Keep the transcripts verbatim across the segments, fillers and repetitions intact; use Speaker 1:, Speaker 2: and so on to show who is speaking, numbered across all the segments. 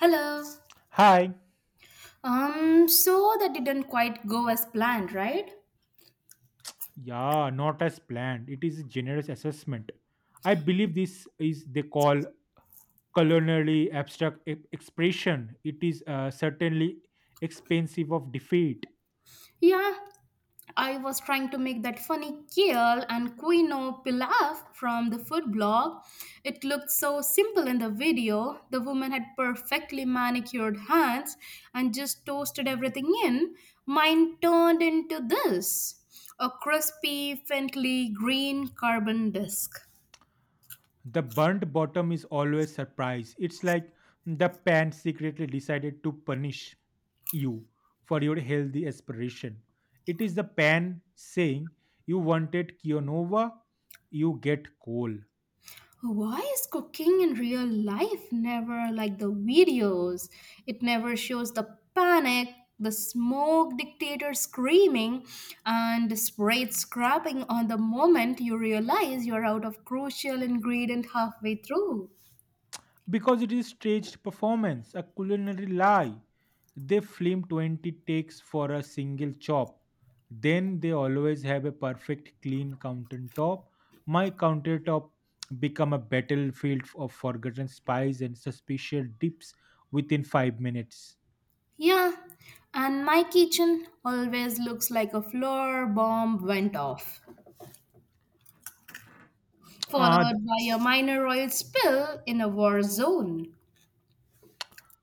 Speaker 1: Hello.
Speaker 2: Hi.
Speaker 1: Um, so that didn't quite go as planned, right?
Speaker 2: Yeah, not as planned. It is a generous assessment. I believe this is they call culinary abstract e- expression. It is uh, certainly expensive of defeat.
Speaker 1: Yeah, I was trying to make that funny kale and quinoa pilaf from the food blog. It looked so simple in the video. The woman had perfectly manicured hands and just toasted everything in. Mine turned into this a crispy, faintly green carbon disc.
Speaker 2: The burnt bottom is always surprise. It's like the pan secretly decided to punish you for your healthy aspiration. It is the pan saying you wanted quinoa, you get coal.
Speaker 1: Why is cooking in real life never like the videos? It never shows the panic, the smoke dictator screaming, and the spray scrapping on the moment you realize you're out of crucial ingredient halfway through.
Speaker 2: Because it is staged performance, a culinary lie. They film twenty takes for a single chop. Then they always have a perfect clean countertop. My countertop become a battlefield of forgotten spies and suspicious dips within five minutes.
Speaker 1: Yeah, and my kitchen always looks like a floor bomb went off,
Speaker 2: Ah,
Speaker 1: followed by a minor oil spill in a war zone.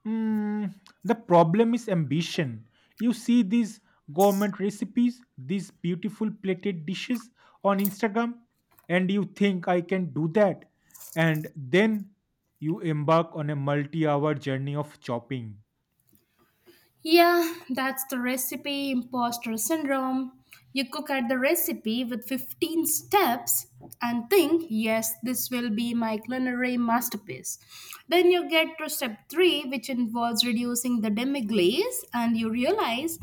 Speaker 2: Mm, the problem is ambition. You see these government recipes, these beautiful plated dishes on Instagram, and you think I can do that. And then you embark on a multi hour journey of chopping.
Speaker 1: Yeah, that's the recipe imposter syndrome. You cook at the recipe with fifteen steps and think, yes, this will be my culinary masterpiece. Then you get to step three, which involves reducing the demi glaze, and you realize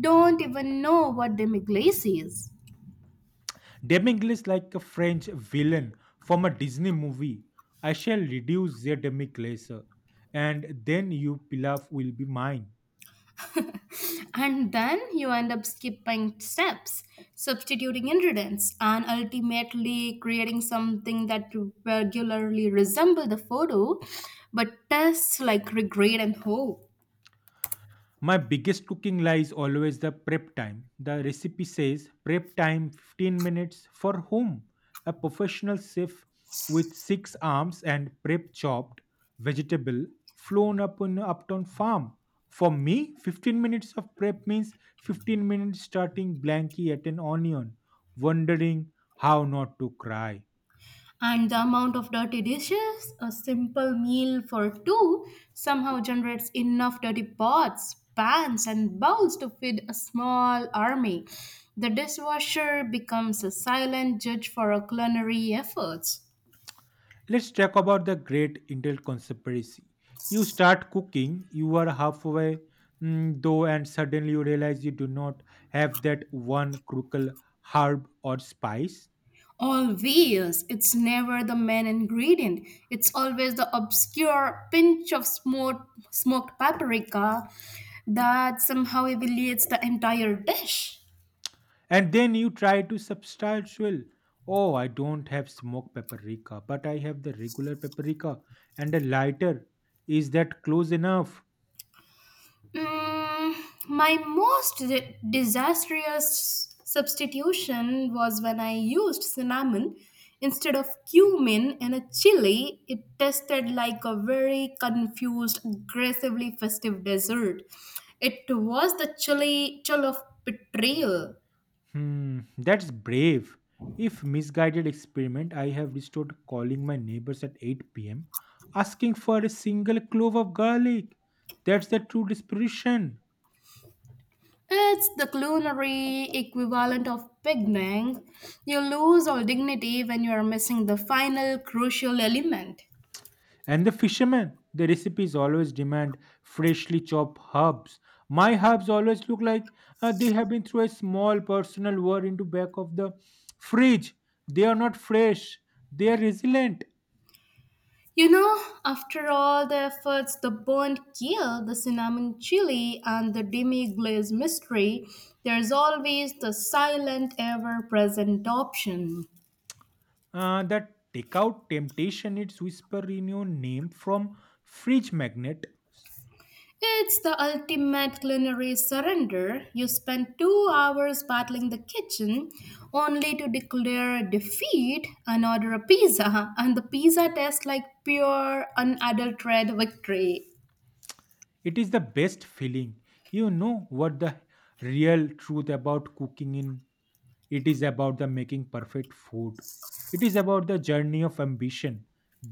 Speaker 1: don't even know what demi glaze is.
Speaker 2: Demigl is like a French villain from a Disney movie. I shall reduce their demiglace, and then you pilaf will be mine.
Speaker 1: And then you end up skipping steps, substituting ingredients, and ultimately creating something that regularly resemble the photo, but tastes like regret and hope.
Speaker 2: My biggest cooking lie is always the prep time. The recipe says prep time fifteen minutes for whom? A professional chef with six arms and prep chopped vegetable flown up on uptown farm. For me, fifteen minutes of prep means fifteen minutes starting blanky at an onion, wondering how not to cry.
Speaker 1: And the amount of dirty dishes a simple meal for two somehow generates enough dirty pots, pans, and bowls to feed a small army. The dishwasher becomes a silent judge for our culinary efforts.
Speaker 2: Let's talk about the great Intel conspiracy. You start cooking, you are halfway mm, though, and suddenly you realize you do not have that one crucial herb or spice.
Speaker 1: Always. It's never the main ingredient. It's always the obscure pinch of smoked, smoked paprika that somehow elevates the entire dish.
Speaker 2: And then you try to substantial. Oh, I don't have smoked paprika, but I have the regular paprika and a lighter. Is that close enough?
Speaker 1: Mm, my most di- disastrous substitution was when I used cinnamon instead of cumin in a chili. It tasted like a very confused, aggressively festive dessert. It was the chili chill of betrayal.
Speaker 2: Hmm, that's brave. If misguided experiment, I have restored calling my neighbors at eight p m, asking for a single clove of garlic. That's the true desperation.
Speaker 1: It's the culinary equivalent of picnic. You lose all dignity when you are missing the final crucial element.
Speaker 2: And the fishermen, the recipes always demand freshly chopped herbs. My herbs always look like uh, they have been through a small personal war into back of the fridge. They are not fresh. They are resilient.
Speaker 1: You know, after all the efforts, the burnt kale, the cinnamon chili, and the demi glaze mystery, there's always the silent, ever present option.
Speaker 2: Uh, that takeout temptation it's whisper in your name from fridge magnet.
Speaker 1: It's the ultimate culinary surrender. You spend two hours battling the kitchen only to declare defeat and order a pizza, and the pizza tastes like pure, unadulterated victory.
Speaker 2: It is the best feeling. You know what the real truth about cooking in, it is about the making perfect food, it is about the journey of ambition,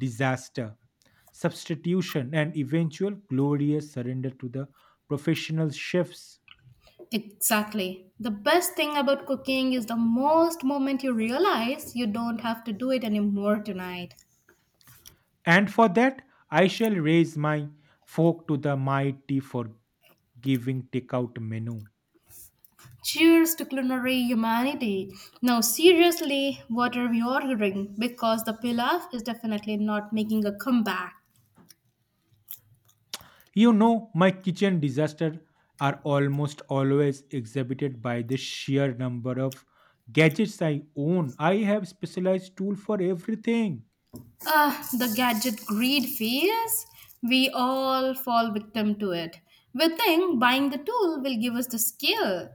Speaker 2: disaster, substitution and eventual glorious surrender to the professional chefs.
Speaker 1: Exactly. The best thing about cooking is the most moment you realize you don't have to do it anymore tonight.
Speaker 2: And for that I shall raise my fork to the mighty for giving takeout menu.
Speaker 1: Cheers to culinary humanity. Now, seriously, what are we ordering? Because the pilaf is definitely not making a comeback.
Speaker 2: You know, my kitchen disasters are almost always exhibited by the sheer number of gadgets I own. I have specialized tool for everything.
Speaker 1: Ah, the gadget greed phase. We all fall victim to it. We think buying the tool will give us the skill.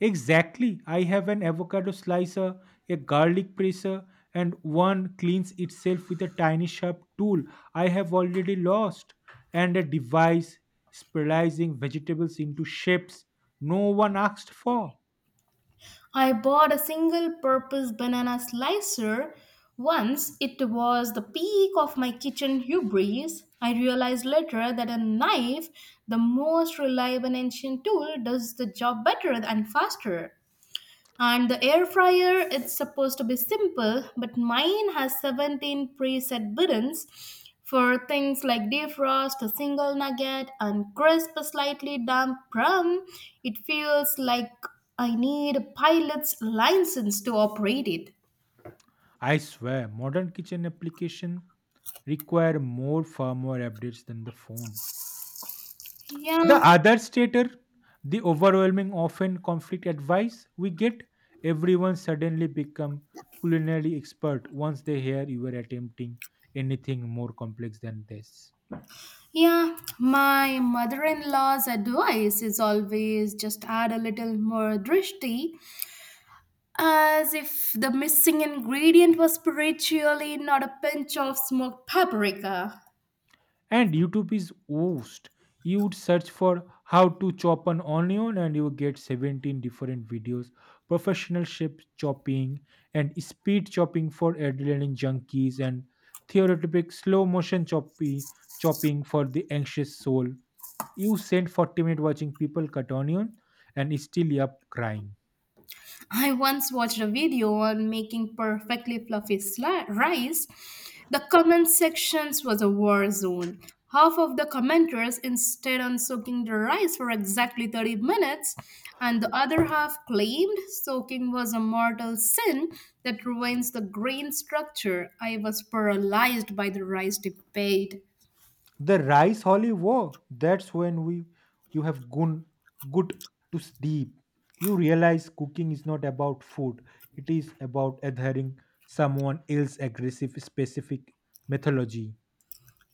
Speaker 2: Exactly. I have an avocado slicer, a garlic presser, and one cleans itself with a tiny sharp tool I have already lost, and a device spiralizing vegetables into shapes no one asked for.
Speaker 1: I bought a single purpose banana slicer once. It was the peak of my kitchen hubris. I realized later that a knife, the most reliable and ancient tool, does the job better and faster. And the air fryer, it's supposed to be simple, but mine has seventeen preset buttons for things like defrost, a single nugget, and crisp, slightly damp crumb. It feels like I need a pilot's license to operate it.
Speaker 2: I swear, modern kitchen application require more firmware updates than the phone. The
Speaker 1: Yeah,
Speaker 2: other stater, the overwhelming often conflict advice we get, everyone suddenly become culinary expert once they hear you are attempting anything more complex than this.
Speaker 1: yeah. My mother in law's advice is always just add a little more drishti as if the missing ingredient was spiritually not a pinch of smoked paprika.
Speaker 2: And youtube is oost, you would search for how to chop an onion and you will get seventeen different videos, professional shape chopping and speed chopping for adrenaline junkies and theoretic slow motion choppy chopping for the anxious soul. You send forty minutes watching people cut onion and still you're crying.
Speaker 1: I once watched a video on making perfectly fluffy sli- rice. The comment sections was a war zone. Half of the commenters insisted on soaking the rice for exactly thirty minutes, and the other half claimed soaking was a mortal sin that ruins the grain structure. I was paralyzed by the rice debate.
Speaker 2: The rice holy war, that's when we, you have gone good to sleep, you realize cooking is not about food, it is about adhering someone else's aggressive specific mythology.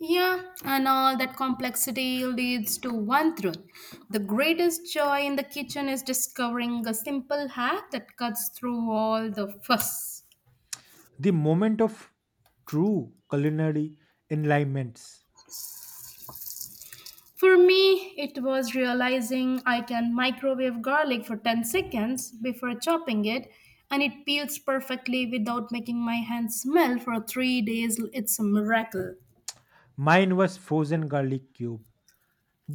Speaker 1: Yeah, and all that complexity leads to one truth. The greatest joy in the kitchen is discovering a simple hack that cuts through all the fuss.
Speaker 2: The moment of true culinary enlightenments.
Speaker 1: For me, it was realizing I can microwave garlic for ten seconds before chopping it, and it peels perfectly without making my hands smell for three days. It's a miracle.
Speaker 2: Mine was frozen garlic cube,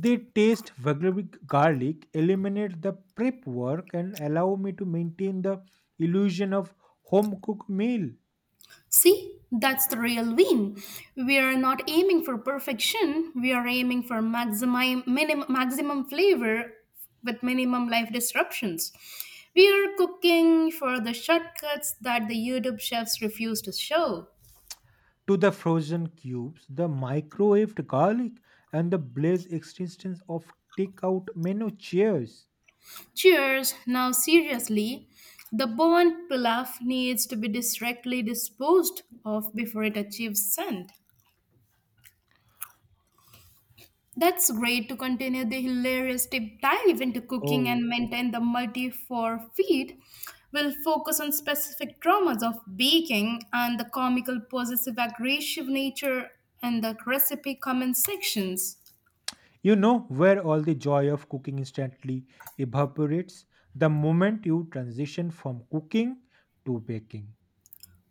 Speaker 2: they taste garlic garlic eliminate the prep work and allow me to maintain the illusion of home cooked meal.
Speaker 1: See, that's the real win. We are not aiming for perfection, we are aiming for maximum, minim, maximum flavor with minimum life disruptions. We are cooking for the shortcuts that the YouTube chefs refuse to show.
Speaker 2: To the frozen cubes, the microwaved garlic, and the blaze existence of takeout menu, cheers.
Speaker 1: Cheers! Now, seriously, the Bowen pilaf needs to be directly disposed of before it achieves scent. That's great to continue the hilarious deep dive into cooking
Speaker 2: Oh,
Speaker 1: and
Speaker 2: okay.
Speaker 1: maintain the multi for feed. We'll focus on specific dramas of baking and the comical possessive aggressive nature in the recipe comment sections.
Speaker 2: You know where all the joy of cooking instantly evaporates the moment you transition from cooking to baking.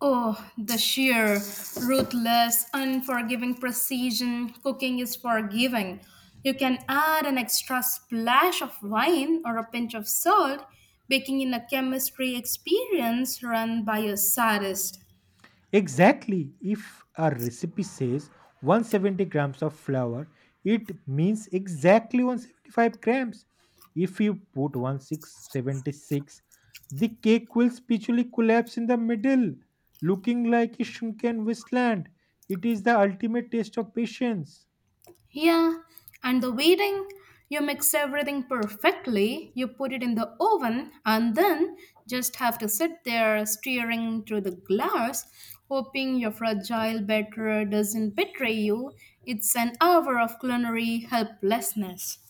Speaker 1: Oh, the sheer, ruthless, unforgiving precision cooking is forgiving. You can add an extra splash of wine or a pinch of salt, baking in a chemistry experience run by a sadist.
Speaker 2: Exactly. If a recipe says one hundred seventy grams of flour, it means exactly one hundred seventy-five grams. If you put sixteen seventy-six, the cake will spiritually collapse in the middle, looking like a shrunken wasteland. It is the ultimate test of patience.
Speaker 1: Yeah, and the weeding, you mix everything perfectly, you put it in the oven, and then just have to sit there staring through the glass, hoping your fragile batter doesn't betray you. It's an hour of culinary helplessness.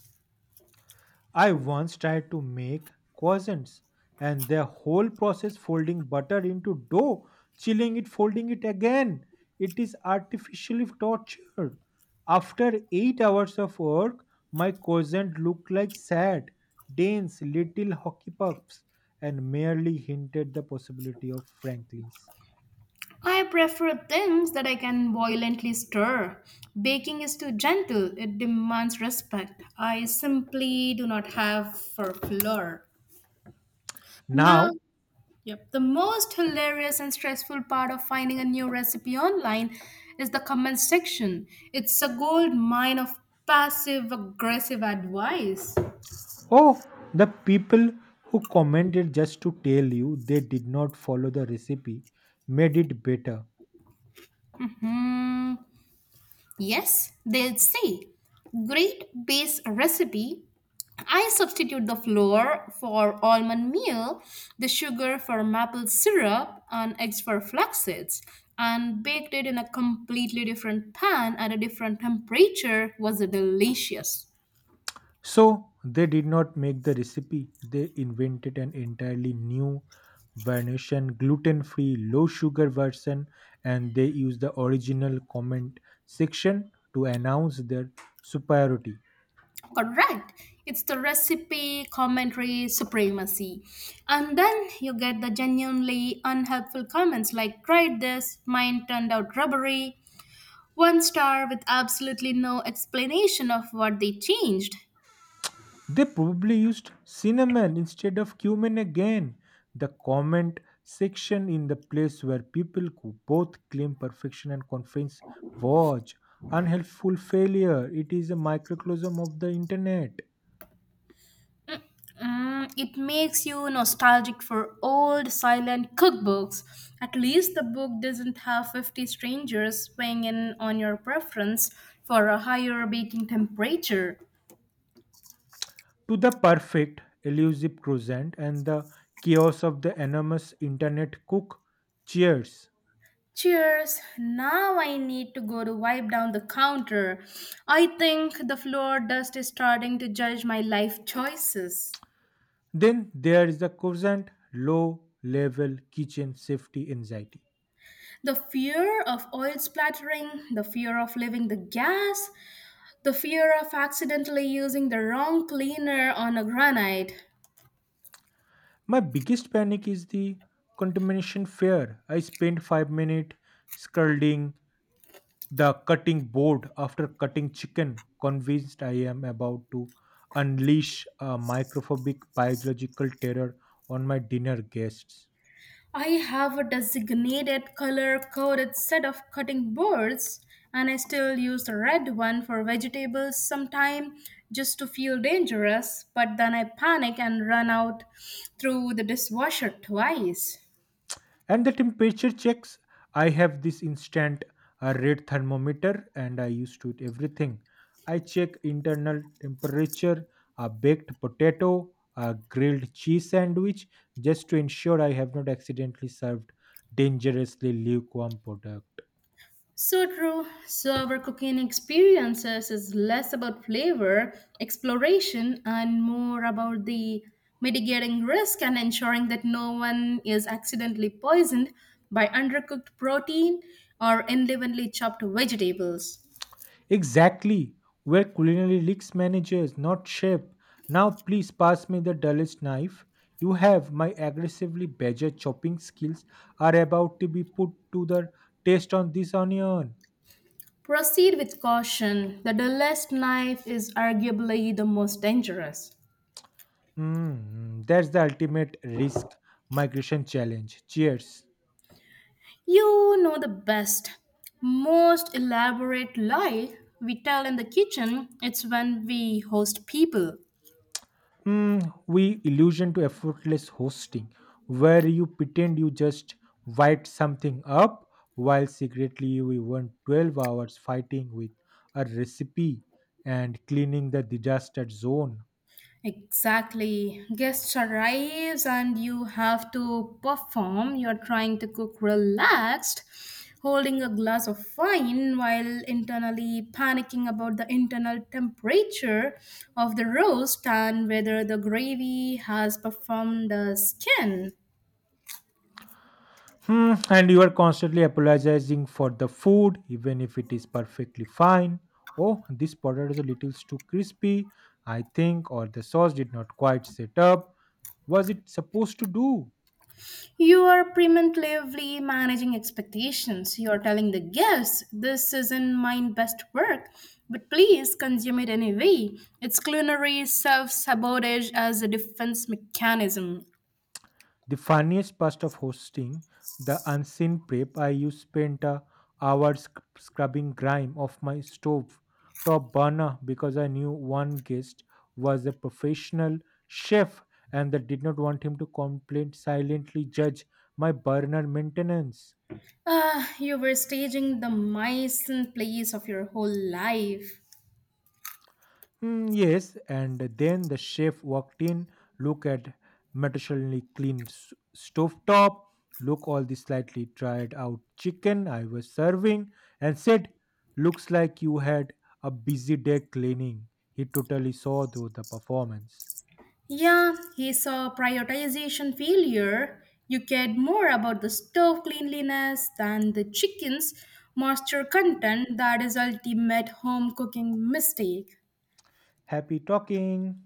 Speaker 2: I once tried to make croissants and the whole process folding butter into dough, chilling it, folding it again. It is artificially torture. After eight hours of work, my croissant looked like sad, dense little hockey pucks and merely hinted the possibility of Franklin's.
Speaker 1: I prefer things that I can violently stir. Baking is too gentle, it demands respect. I simply do not have for flour. Now
Speaker 2: Now,
Speaker 1: Yep. The most hilarious and stressful part of finding a new recipe online is the comment section. It's a gold mine of passive aggressive advice.
Speaker 2: oh, the people who commented just to tell you they did not follow the recipe made it better.
Speaker 1: Hmm. Yes, they'll say, great base recipe. I substitute the flour for almond meal, the sugar for maple syrup, and eggs for flax seeds, and baked it in a completely different pan at a different temperature. Was it delicious?
Speaker 2: So they did not make the recipe, they invented an entirely new version, gluten free, low sugar version, and they used the original comment section to announce their superiority.
Speaker 1: Correct, it's the recipe commentary supremacy. And then you get the genuinely unhelpful comments like tried this mine turned out rubbery, one star with absolutely no explanation of what they changed.
Speaker 2: They probably used cinnamon instead of cumin again. The comment section in the place where people who both claim perfection and confidence watch unhelpful failure. It is a microcosm of the internet.
Speaker 1: Mm, it makes you nostalgic for old silent cookbooks. At least the book doesn't have fifty strangers weighing in on your preference for a higher baking temperature.
Speaker 2: To the perfect elusive croissant and the chaos of the enormous internet cook. Cheers.
Speaker 1: Cheers! Now I need to go to wipe down the counter. I think the floor dust is starting to judge my life choices.
Speaker 2: Then there is the croissant low level kitchen safety anxiety.
Speaker 1: The fear of oil splattering, the fear of leaving the gas, the fear of accidentally using the wrong cleaner on a granite.
Speaker 2: My biggest panic is the contamination fear. I spent five minutes scalding the cutting board after cutting chicken, convinced I am about to unleash a microphobic biological terror on my dinner guests.
Speaker 1: I have a designated color coded set of cutting boards and I still use the red one for vegetables sometimes, just to feel dangerous, but then I panic and run out through the dishwasher twice.
Speaker 2: And the temperature checks, I have this instant uh, red thermometer and I used to it everything. I check internal temperature a baked potato, a grilled cheese sandwich, just to ensure I have not accidentally served dangerously lukewarm product.
Speaker 1: So true. So our cooking experiences is less about flavor exploration and more about the mitigating risk and ensuring that no one is accidentally poisoned by undercooked protein or unevenly chopped vegetables.
Speaker 2: Exactly. We're culinary leaks managers, not chef. Now please pass me the dullest knife. You have my aggressively badger chopping skills are about to be put to the test on this onion.
Speaker 1: Proceed with caution. The dullest knife is arguably the most dangerous.
Speaker 2: Mm, that's the ultimate risk migration challenge. Cheers.
Speaker 1: You know the best, most elaborate lie we tell in the kitchen. It's when we host people.
Speaker 2: Mm, we illusion to effortless hosting, where you pretend you just wiped something up while secretly we went twelve hours fighting with a recipe and cleaning the disaster zone.
Speaker 1: Exactly. Guests arrives and you have to perform. You're trying to cook relaxed, holding a glass of wine while internally panicking about the internal temperature of the roast and whether the gravy has performed the skin.
Speaker 2: Hmm, and you are constantly apologizing for the food, even if it is perfectly fine. Oh, this potato is a little too crispy, I think, or the sauce did not quite set up. Was it supposed to do?
Speaker 1: You are preemptively managing expectations. You are telling the guests, this isn't my best work, but please consume it anyway. It's culinary self sabotage as a defense mechanism.
Speaker 2: The funniest part of hosting, the unseen prep, I used spent a hour sc- scrubbing grime off my stove top burner because I knew one guest was a professional chef and that did not want him to complain silently judge my burner maintenance.
Speaker 1: Ah, you were staging the mice in place of your whole life.
Speaker 2: Mm, yes, and then the chef walked in. Look at meticulously clean s- stovetop. Look all the slightly dried out chicken I was serving, and said, "Looks like you had a busy day cleaning." He totally saw through the performance.
Speaker 1: Yeah, he saw prioritization failure. You cared more about the stove cleanliness than the chicken's moisture content that is ultimate home cooking mistake.
Speaker 2: Happy talking.